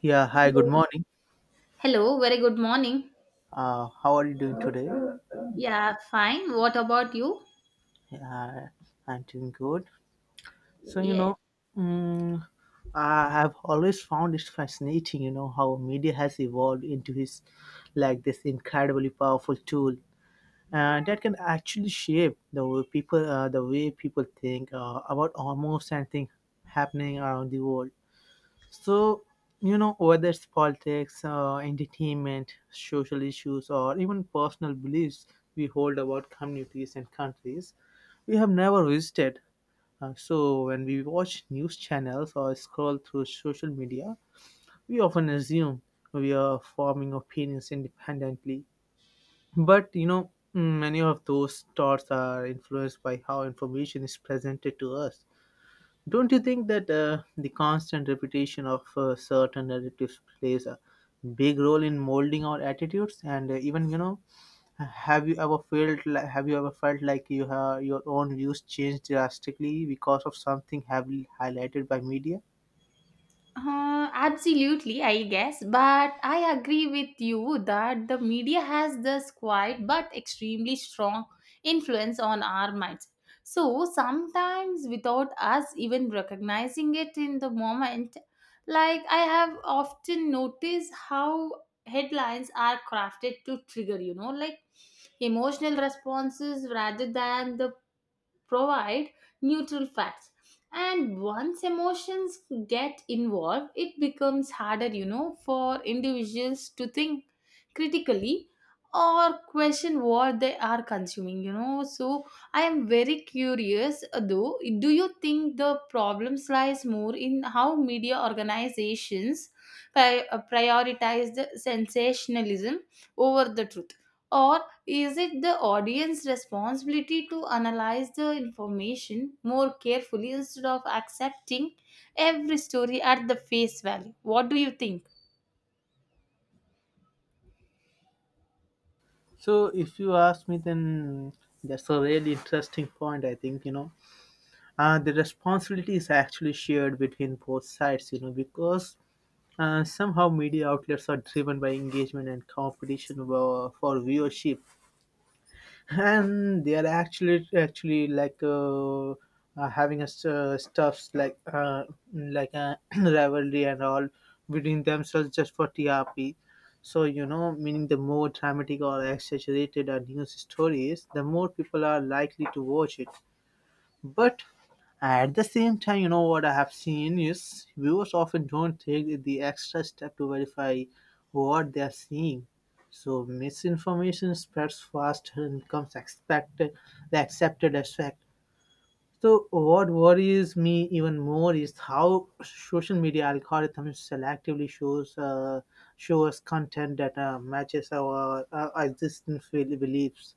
Yeah, hi, good Hello. morning. Hello, very good morning. How are you doing today? Yeah, fine. What about you? Yeah, I'm doing good. So, you Yes. know, mm, I have always found it fascinating, you know, how media has evolved into his like this incredibly powerful tool that can actually shape the way the way people think about almost anything happening around the world. So, you know, whether it's politics, entertainment, social issues, or even personal beliefs we hold about communities and countries we have never visited. So, when we watch news channels or scroll through social media, we often assume we are forming opinions independently. But, many of those thoughts are influenced by how information is presented to us. Don't you think that the constant repetition of certain narratives plays a big role in molding our attitudes? And have you ever felt like you have your own views changed drastically because of something heavily highlighted by media? Absolutely, I guess. But I agree with you that the media has this quiet but extremely strong influence on our minds. So sometimes, without us even recognizing it in the moment, like I have often noticed how headlines are crafted to trigger, you know, like emotional responses rather than the provide neutral facts. And once emotions get involved, it becomes harder, you know, for individuals to think critically or question what they are consuming, you know. So I am very curious, though, do you think the problem lies more in how media organizations prioritize the sensationalism over the truth, or is it the audience's responsibility to analyze the information more carefully instead of accepting every story at the face value? What do you think? So if you ask me, then that's a really interesting point. I think the responsibility is actually shared between both sides. You know, because somehow, media outlets are driven by engagement and competition for viewership, and they are actually like having a stuffs like like rivalry and all between themselves just for TRP. So you know, meaning the more dramatic or exaggerated a news story is, the more people are likely to watch it. But at the same time, you know what I have seen is viewers often don't take the extra step to verify what they are seeing. So misinformation spreads fast and becomes expected, the accepted as fact. So what worries me even more is how social media algorithms selectively show us content that matches our existing beliefs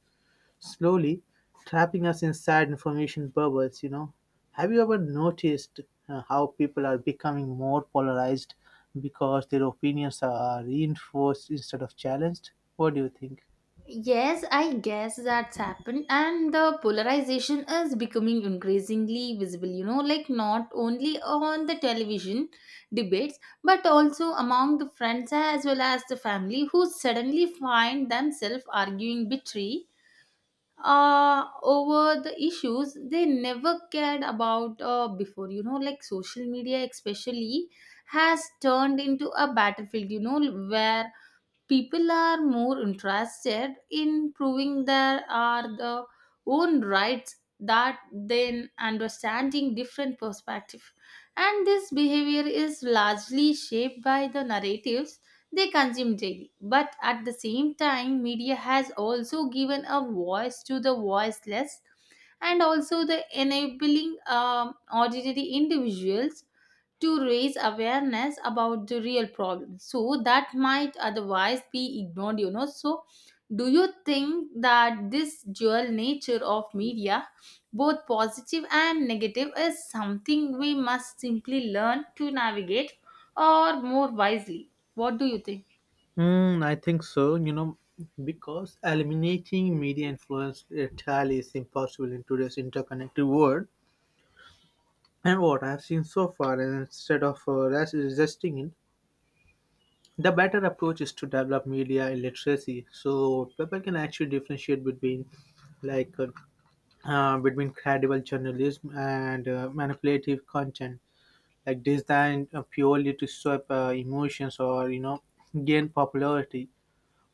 slowly, trapping us inside information bubbles, you know. Have you ever noticed how people are becoming more polarized because their opinions are reinforced instead of challenged? What do you think? Yes, I guess that's happened, and the polarization is becoming increasingly visible, you know, like not only on the television debates but also among the friends as well as the family who suddenly find themselves arguing betray over the issues they never cared about before, you know. Like social media especially has turned into a battlefield, you know, where people are more interested in proving there are the own rights that than understanding different perspectives, and this behavior is largely shaped by the narratives they consume daily. But at the same time, media has also given a voice to the voiceless and also the enabling ordinary individuals to raise awareness about the real problem so that might otherwise be ignored, you know. So do you think that this dual nature of media, both positive and negative, is something we must simply learn to navigate or more wisely? What do you think? Hmm, I think so, you know, because eliminating media influence entirely is impossible in today's interconnected world. And what I've seen so far, and instead of resisting it, the better approach is to develop media literacy so people can actually differentiate between like uh, between credible journalism and manipulative content like designed purely to sweep emotions or you know gain popularity.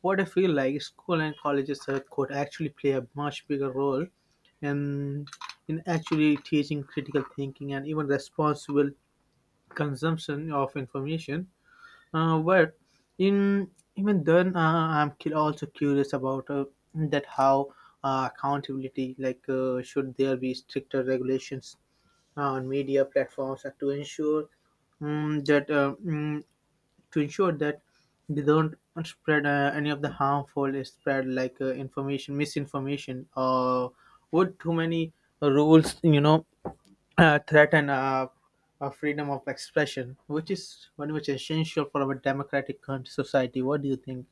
What I feel like, school and colleges could actually play a much bigger role in in actually teaching critical thinking and even responsible consumption of information. But in even then, I'm also curious about that how accountability, like should there be stricter regulations on media platforms to ensure um, that uh, mm, to ensure that they don't spread any of the harmful spread like information, misinformation, or would too many rules, you know, threaten freedom of expression, which is very much essential for our democratic country society. What do you think?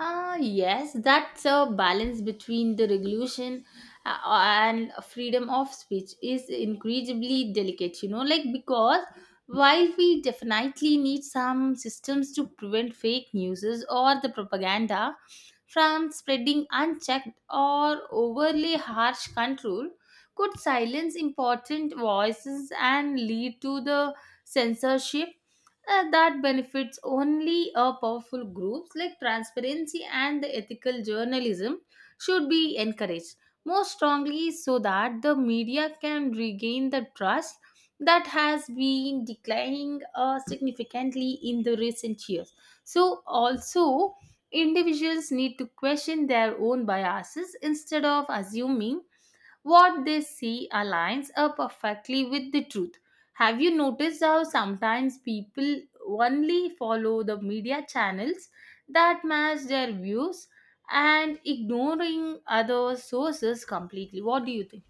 Yes, that's a balance between the regulation and freedom of speech is incredibly delicate, you know, like because while we definitely need some systems to prevent fake news or the propaganda from spreading unchecked, or overly harsh control could silence important voices and lead to the censorship that benefits only a powerful groups. Like transparency and the ethical journalism should be encouraged more strongly so that the media can regain the trust that has been declining significantly in the recent years. So also individuals need to question their own biases instead of assuming what they see aligns up perfectly with the truth. Have you noticed how sometimes people only follow the media channels that match their views and ignoring other sources completely? What do you think?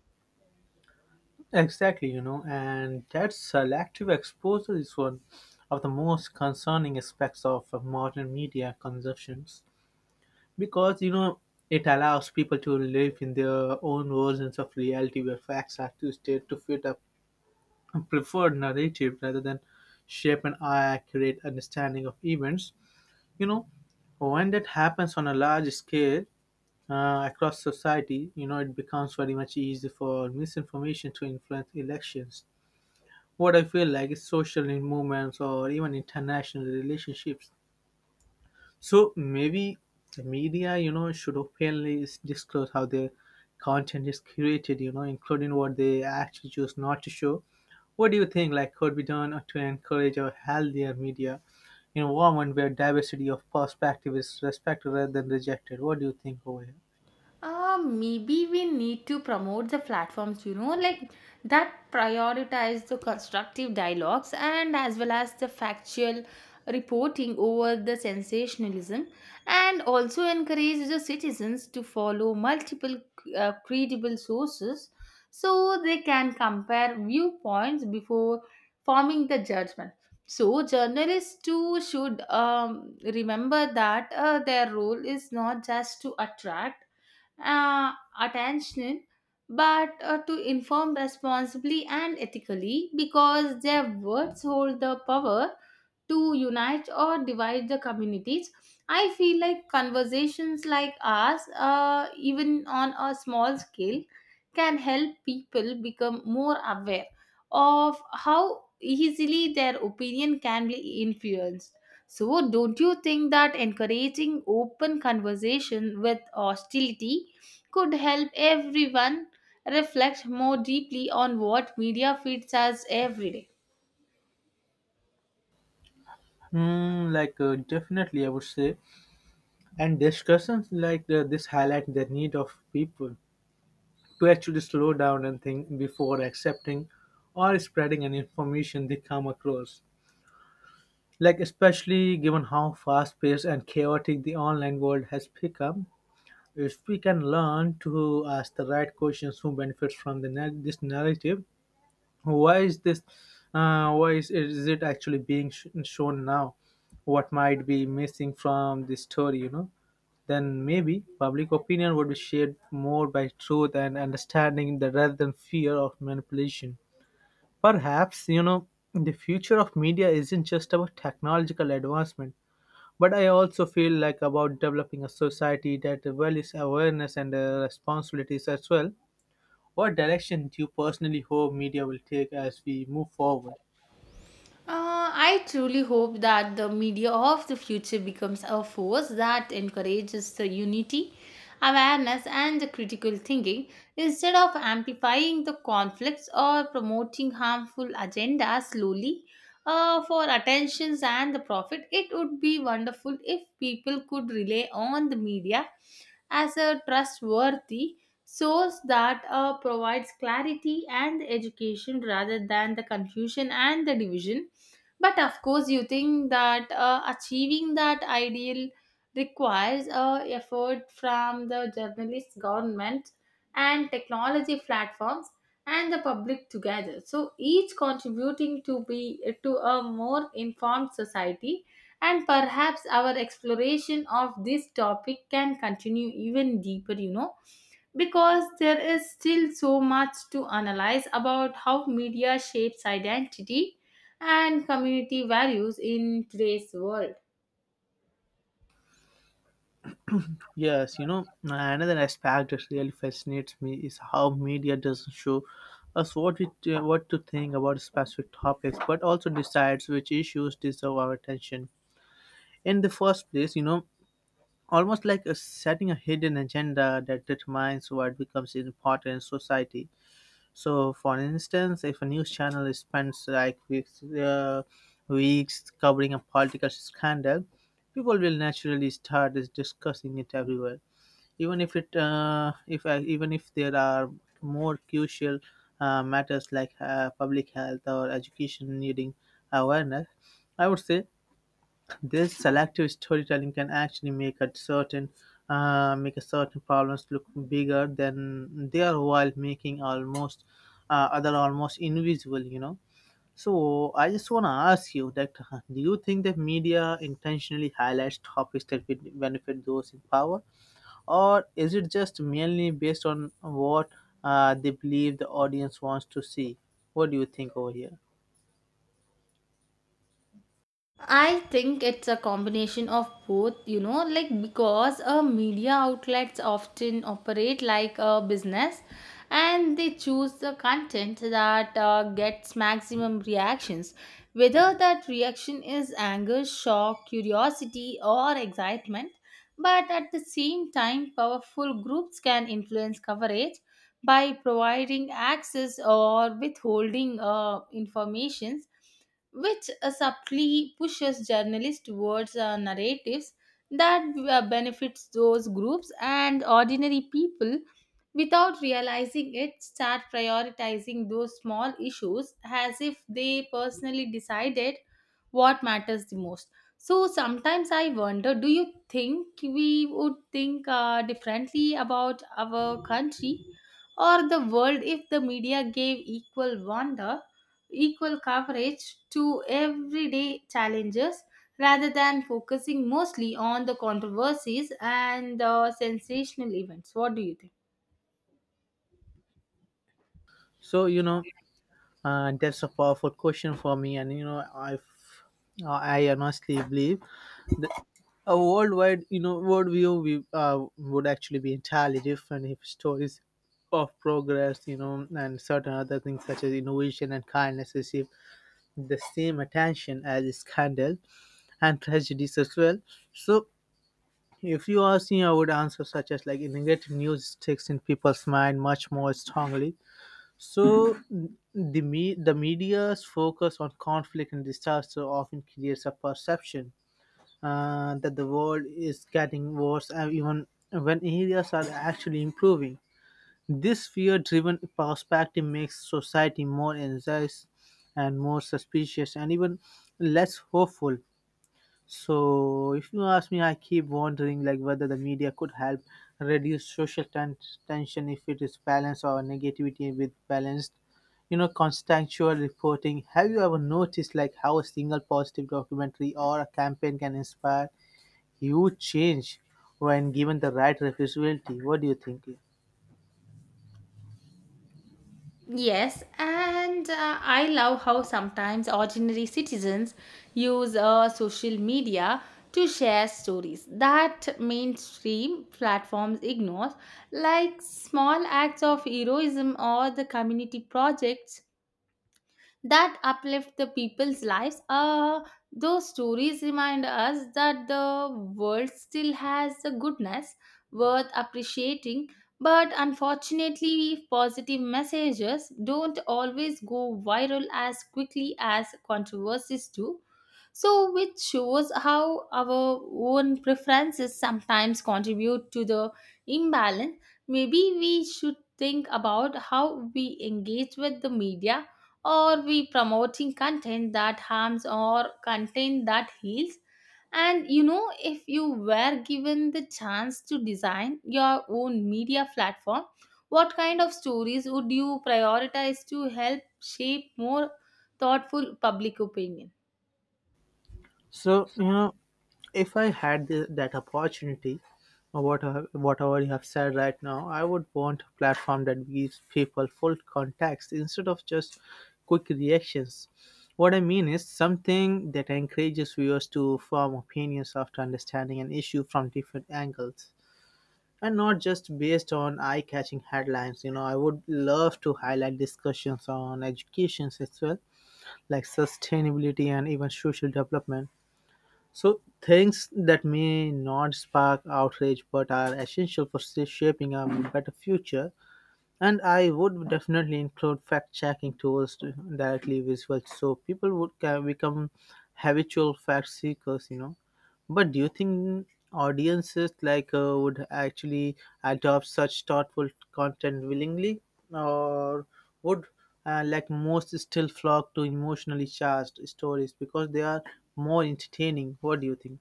Exactly, you know, and that selective exposure is one of the most concerning aspects of modern media consumptions because, you know, it allows people to live in their own versions of reality where facts are twisted to fit a preferred narrative rather than shape an accurate understanding of events. You know, when that happens on a large scale across society, you know, it becomes very much easy for misinformation to influence elections. What I feel like is social in movements or even international relationships. So maybe the media, you know, should openly disclose how their content is curated, you know, including what they actually choose not to show. What do you think, like, could be done to encourage a healthier media in a environment where diversity of perspective is respected rather than rejected? What do you think over here? Maybe we need to promote the platforms, you know, like that prioritize the constructive dialogues and as well as the factual reporting over the sensationalism, and also encourage the citizens to follow multiple credible sources so they can compare viewpoints before forming the judgment. So, journalists too should remember that their role is not just to attract uh, attention but to inform responsibly and ethically, because their words hold the power to unite or divide the communities. I feel like conversations like ours, even on a small scale, can help people become more aware of how easily their opinion can be influenced. So, don't you think that encouraging open conversation with hostility could help everyone reflect more deeply on what media feeds us every day? Hmm, like, definitely, I would say. And discussions like this highlight the need of people to actually slow down and think before accepting or spreading any information they come across. Like, especially given how fast paced and chaotic the online world has become, if we can learn to ask the right questions, who benefits from this narrative, why is this why is it actually being shown now, what might be missing from the story, you know. Then maybe public opinion would be shaped more by truth and understanding that rather than fear of manipulation. Perhaps, you know, the future of media isn't just about technological advancement, but I also feel like about developing a society that values awareness and responsibilities as well. What direction do you personally hope media will take as we move forward? I truly hope that the media of the future becomes a force that encourages the unity, awareness, and the critical thinking instead of amplifying the conflicts or promoting harmful agendas slowly for attentions and the profit. It would be wonderful if people could rely on the media as a trustworthy source that provides clarity and education rather than the confusion and the division. But of course, you think that achieving that ideal requires effort from the journalists, government, and technology platforms and the public together, so each contributing to be to a more informed society. And perhaps our exploration of this topic can continue even deeper, you know, because there is still so much to analyze about how media shapes identity and community values in today's world. Yes, you know, another aspect that really fascinates me is how media doesn't show us what we what to think about specific topics, but also decides which issues deserve our attention. In the first place, you know, almost like a setting a hidden agenda that determines what becomes important in society. So, for instance, if a news channel spends like weeks covering a political scandal, people will naturally start is discussing it everywhere, even if even if there are more crucial matters like public health or education needing awareness. I would say this selective storytelling can actually make a certain problems look bigger than they are while making almost other almost invisible, you know. So I just want to ask you that do you think that media intentionally highlights topics that would benefit those in power, or is it just mainly based on what they believe the audience wants to see? What do you think over here? I think it's a combination of both, you know, like because media outlets often operate like a business and they choose the content that gets maximum reactions, whether that reaction is anger, shock, curiosity, or excitement. But at the same time, powerful groups can influence coverage by providing access or withholding informations, which subtly pushes journalists towards narratives that benefits those groups. And ordinary people, without realizing it, start prioritizing those small issues as if they personally decided what matters the most. So sometimes I wonder, do you think we would think differently about our country or the world if the media gave equal coverage to everyday challenges rather than focusing mostly on the controversies and the sensational events? What do you think? so you know that's a powerful question for me, and you know, I honestly believe that a worldwide, you know, worldview would actually be entirely different if stories of progress, you know, and certain other things such as innovation and kindness receive the same attention as scandal and tragedies as well. So, if you ask me, I would answer such as like negative news sticks in people's mind much more strongly. So the media's focus on conflict and disaster often creates a perception that the world is getting worse, even when areas are actually improving. This fear-driven perspective makes society more anxious and more suspicious, and even less hopeful. So, if you ask me, I keep wondering like whether the media could help reduce tension if it is balanced or negativity with balanced, you know, contextual reporting. Have you ever noticed like how a single positive documentary or a campaign can inspire huge change when given the right responsibility? What do you think? Yes, and I love how sometimes ordinary citizens use social media to share stories that mainstream platforms ignore, like small acts of heroism or the community projects that uplift the people's lives. Those stories remind us that the world still has a goodness worth appreciating, but unfortunately, positive messages don't always go viral as quickly as controversies do. So, which shows how our own preferences sometimes contribute to the imbalance. Maybe we should think about how we engage with the media, or we promoting content that harms or content that heals. And you know, if you were given the chance to design your own media platform, what kind of stories would you prioritize to help shape more thoughtful public opinion? So, you know, if I had that opportunity, or whatever you have said right now, I would want a platform that gives people full context instead of just quick reactions. What I mean is something that encourages viewers to form opinions after understanding an issue from different angles and not just based on eye catching headlines. You know, I would love to highlight discussions on educations as well, like sustainability and even social development. So, things that may not spark outrage but are essential for shaping a better future. And I would definitely include fact checking tools to directly visual so people would become habitual fact seekers, you know. But do you think audiences would actually adopt such thoughtful content willingly, or would like most still flock to emotionally charged stories because they are more entertaining? What do you think?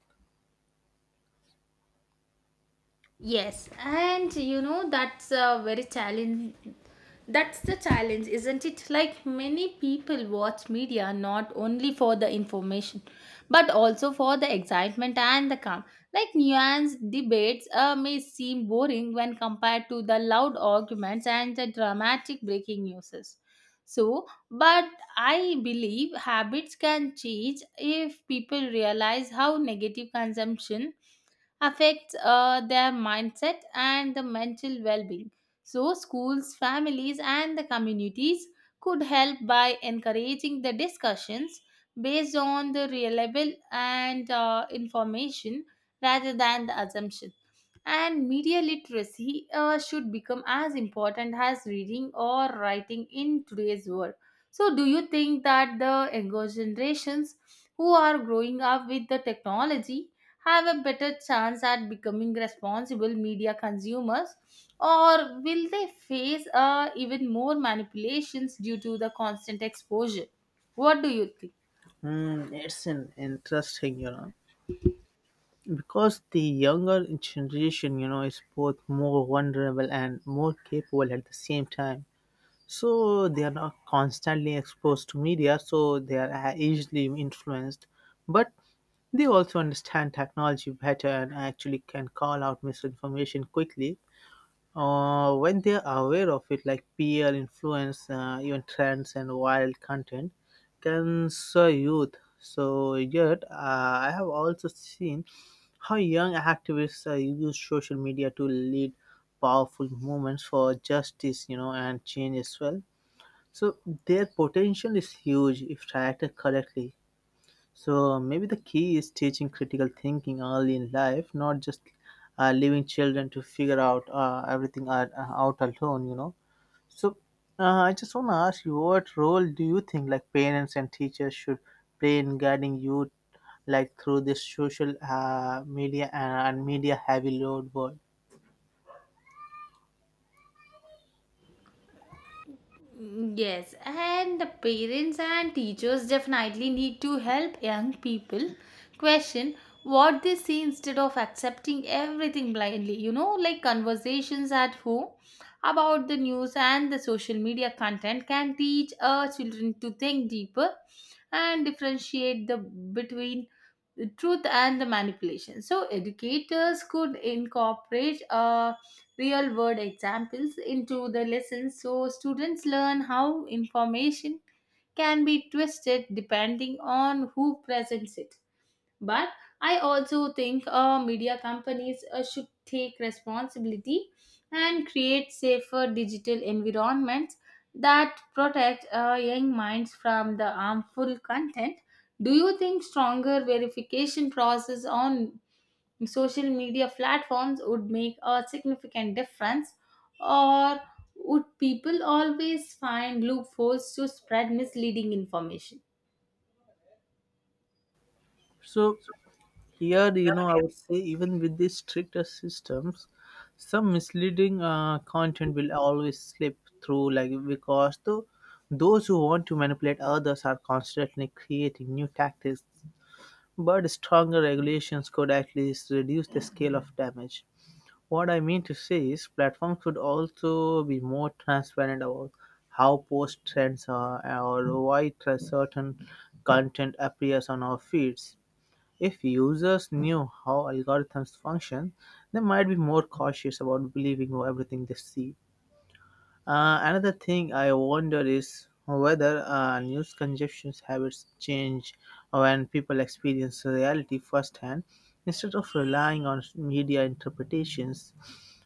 Yes, and you know, that's a very challenge. That's the challenge, isn't it? Like many people watch media not only for the information, but also for the excitement and the calm. Like nuanced debates may seem boring when compared to the loud arguments and the dramatic breaking news. So, but I believe habits can change if people realize how negative consumption affects their mindset and the mental well-being. So schools, families, and the communities could help by encouraging the discussions based on the reliable and information rather than the assumption. And media literacy should become as important as reading or writing in today's world. So do you think that the younger generations, who are growing up with the technology, have a better chance at becoming responsible media consumers, or will they face even more manipulations due to the constant exposure? What do you think? Hmm, it's an interesting, you know. Because the younger generation, you know, is both more vulnerable and more capable at the same time. So they are not constantly exposed to media, so they are easily influenced. But they also understand technology better and actually can call out misinformation quickly when they are aware of it, like peer influence, even trends and wild content, can serve youth. So yet, I have also seen how young activists use social media to lead powerful movements for justice, you know, and change as well. So their potential is huge if directed correctly. So maybe the key is teaching critical thinking early in life, not just leaving children to figure out everything out alone. You know. So I just want to ask you, what role do you think like parents and teachers should play in guiding youth, like through this social media and media heavy load world? Yes, and the parents and teachers definitely need to help young people question what they see instead of accepting everything blindly. You know, like conversations at home about the news and the social media content can teach our children to think deeper and differentiate the between the truth and the manipulation. So educators could incorporate real world examples into the lessons so students learn how information can be twisted depending on who presents it. But I also think media companies should take responsibility and create safer digital environments that protect young minds from the harmful content. Do you think stronger verification process on social media platforms would make a significant difference, or would people always find loopholes to spread misleading information? So here, you know, I would say even with these stricter systems, some misleading content will always slip through, like because those who want to manipulate others are constantly creating new tactics. But stronger regulations could at least reduce the scale of damage. What I mean to say is, platforms could also be more transparent about how post trends are or why certain content appears on our feeds. If users knew how algorithms function, they might be more cautious about believing everything they see. Another thing I wonder is whether news consumption habits change when people experience reality firsthand instead of relying on media interpretations.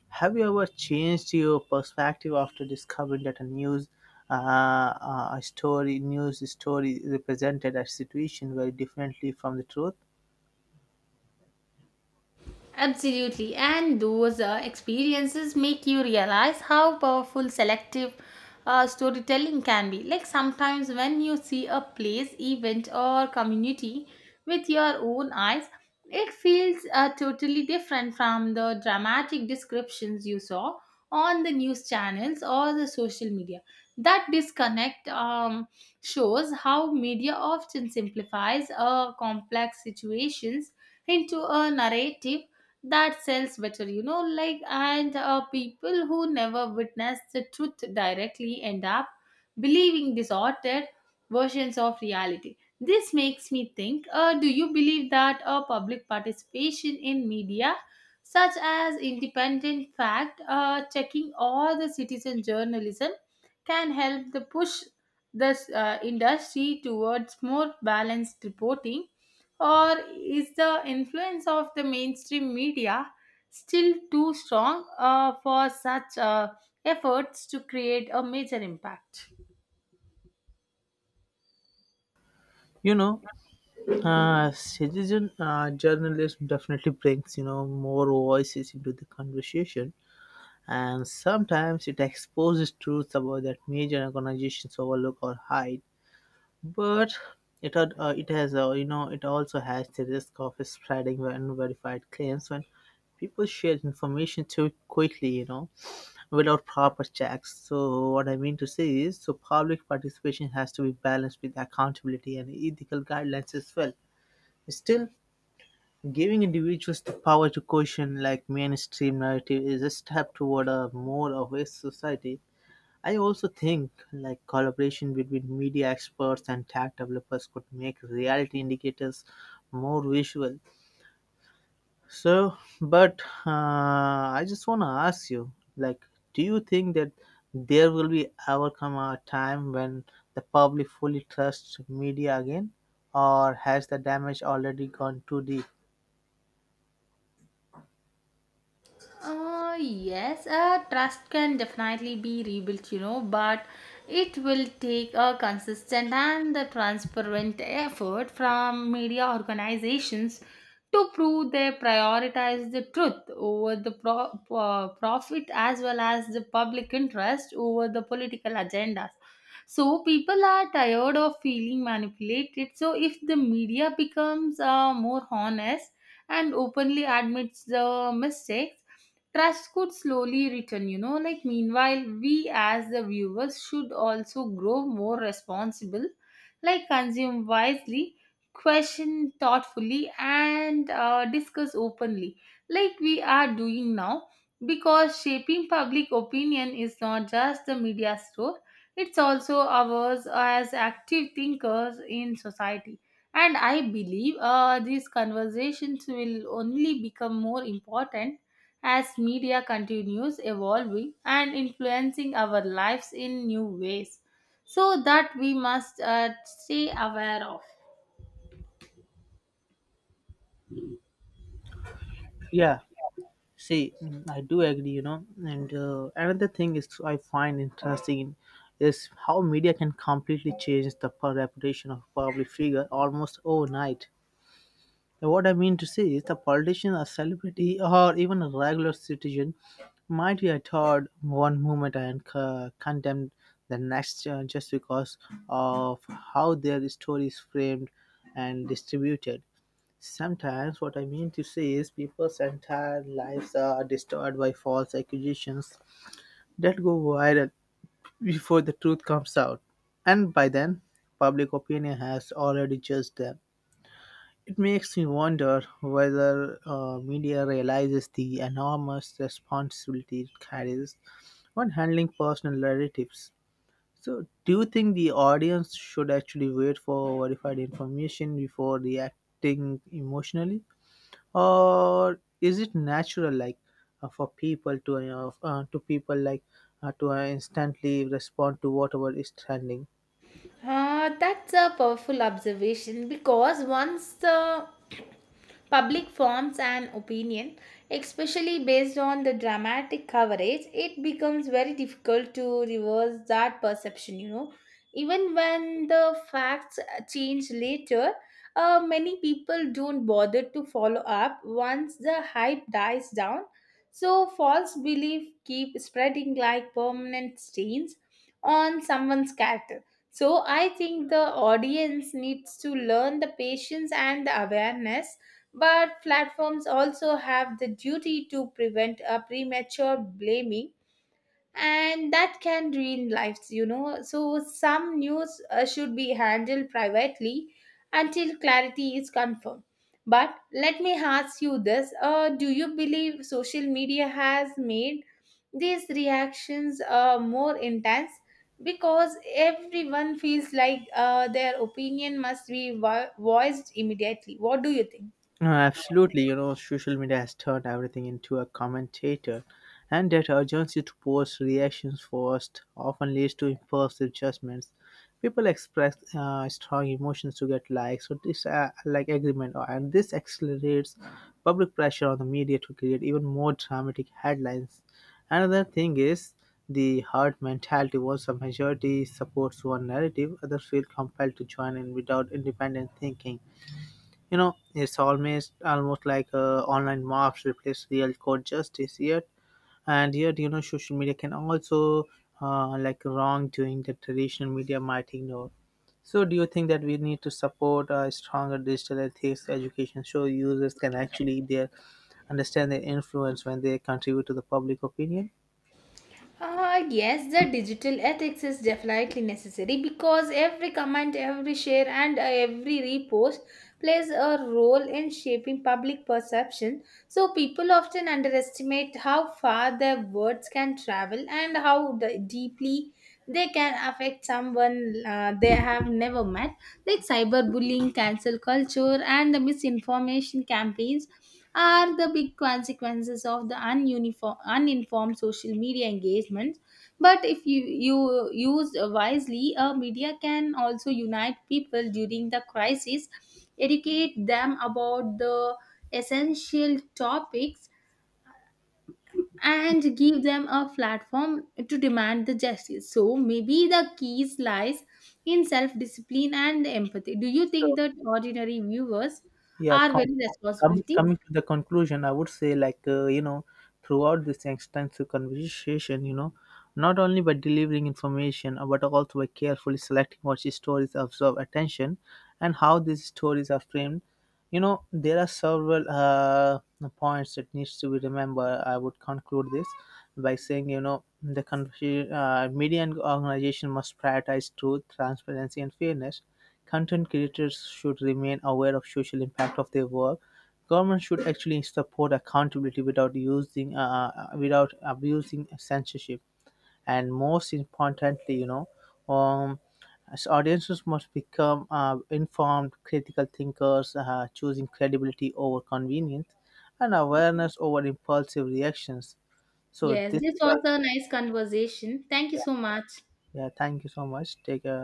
Have you ever changed your perspective after discovering that a story news story represented a situation very differently from the truth? Absolutely, and those experiences make you realize how powerful selective storytelling can be. Like sometimes when you see a place, event, or community with your own eyes, it feels totally different from the dramatic descriptions you saw on the news channels or the social media. That disconnect shows how media often simplifies complex situations into a narrative that sells better, you know. Like and people who never witness the truth directly end up believing distorted versions of reality. This makes me think, do you believe that public participation in media, such as independent fact checking or the citizen journalism, can help the push this industry towards more balanced reporting, or is the influence of the mainstream media still too strong for such efforts to create a major impact? You know, citizen journalism definitely brings more voices into the conversation, and sometimes it exposes truths about that major organizations overlook or hide. But it has, you know, it also has the risk of spreading unverified claims when people share information too quickly, you know, without proper checks. So what I mean to say is, public participation has to be balanced with accountability and ethical guidelines as well. Still, giving individuals the power to question, like, mainstream narrative, is a step toward a more aware society. I also think, like, collaboration between media experts and tech developers could make reality indicators more visual. But I just want to ask you, like, do you think that there will be ever come a time when the public fully trusts media again, or has the damage already gone too deep? Yes, Trust can definitely be rebuilt, you know, but it will take a consistent and the transparent effort from media organizations to prove they prioritize the truth over the profit, as well as the public interest over the political agendas. So people are tired of feeling manipulated. So if the media becomes more honest and openly admits the mistakes, trust could slowly return, you know. Like meanwhile, we as the viewers should also grow more responsible, like consume wisely, question thoughtfully, and discuss openly, like we are doing now, because shaping public opinion is not just the media's role, it's also ours as active thinkers in society. And I believe these conversations will only become more important as media continues evolving and influencing our lives in new ways, so that we must stay aware of. Yeah. See, I do agree, you know. And another thing is, I find interesting is how media can completely change the reputation of a public figure almost overnight. Now, what I mean to say is, a politician, a celebrity, or even a regular citizen might be adored one moment and condemned the next, just because of how their story is framed and distributed. Sometimes, what I mean to say is, people's entire lives are destroyed by false accusations that go viral before the truth comes out, and by then, public opinion has already judged them. It makes me wonder whether media realizes the enormous responsibility it carries when handling personal narratives. So, do you think the audience should actually wait for verified information before reacting emotionally, or is it natural, like, for people to people like to instantly respond to whatever is trending? That's a powerful observation because once the public forms an opinion, especially based on the dramatic coverage, it becomes very difficult to reverse that perception, you know. Even when the facts change later, many people don't bother to follow up once the hype dies down. So, false belief keep spreading like permanent stains on someone's character. So I think the audience needs to learn the patience and the awareness, but platforms also have the duty to prevent a premature blaming, and that can ruin lives, you know. So, some news should be handled privately until clarity is confirmed. But let me ask you this, do you believe social media has made these reactions more intense? Because everyone feels like their opinion must be voiced immediately. What do you think? Absolutely, you know, social media has turned everything into a commentator, and that urgency to post reactions first often leads to impulsive judgments. People express strong emotions to get likes or this, like, agreement, and this accelerates public pressure on the media to create even more dramatic headlines. Another thing is the herd mentality. Once a majority supports one narrative, others feel compelled to join in without independent thinking. You know, it's almost like, online mobs replace real court justice yet, and yet, you know, social media can also, like, wrongdoing that traditional media might ignore. So, do you think that we need to support a stronger digital ethics education so users can actually their understand their influence when they contribute to the public opinion? Yes, the digital ethics is definitely necessary because every comment, every share, and every repost plays a role in shaping public perception. So, people often underestimate how far their words can travel and how the, deeply they can affect someone they have never met, like cyberbullying, cancel culture, and the misinformation campaigns are the big consequences of the uninformed social media engagement. But if you used wisely, media can also unite people during the crisis, educate them about the essential topics, and give them a platform to demand the justice. So maybe the keys lies in self-discipline and empathy. Do you think So, that ordinary viewers yeah are com- very responsibility? Coming to the conclusion, I would say, like, you know, throughout this extensive conversation, you know, not only by delivering information, but also by carefully selecting what stories absorb attention and how these stories are framed, you know, there are several, points that needs to be remembered. I would conclude this by saying, you know, the media and organization must prioritize truth, transparency and fairness. Content creators should remain aware of social impact of their work. Government should actually support accountability without abusing censorship. And most importantly, you know, um, as audiences must become informed, critical thinkers, choosing credibility over convenience, and awareness over impulsive reactions. So Yes, this this is was our, a nice conversation. Thank you yeah, so much. yeah. Thank you so much. Take a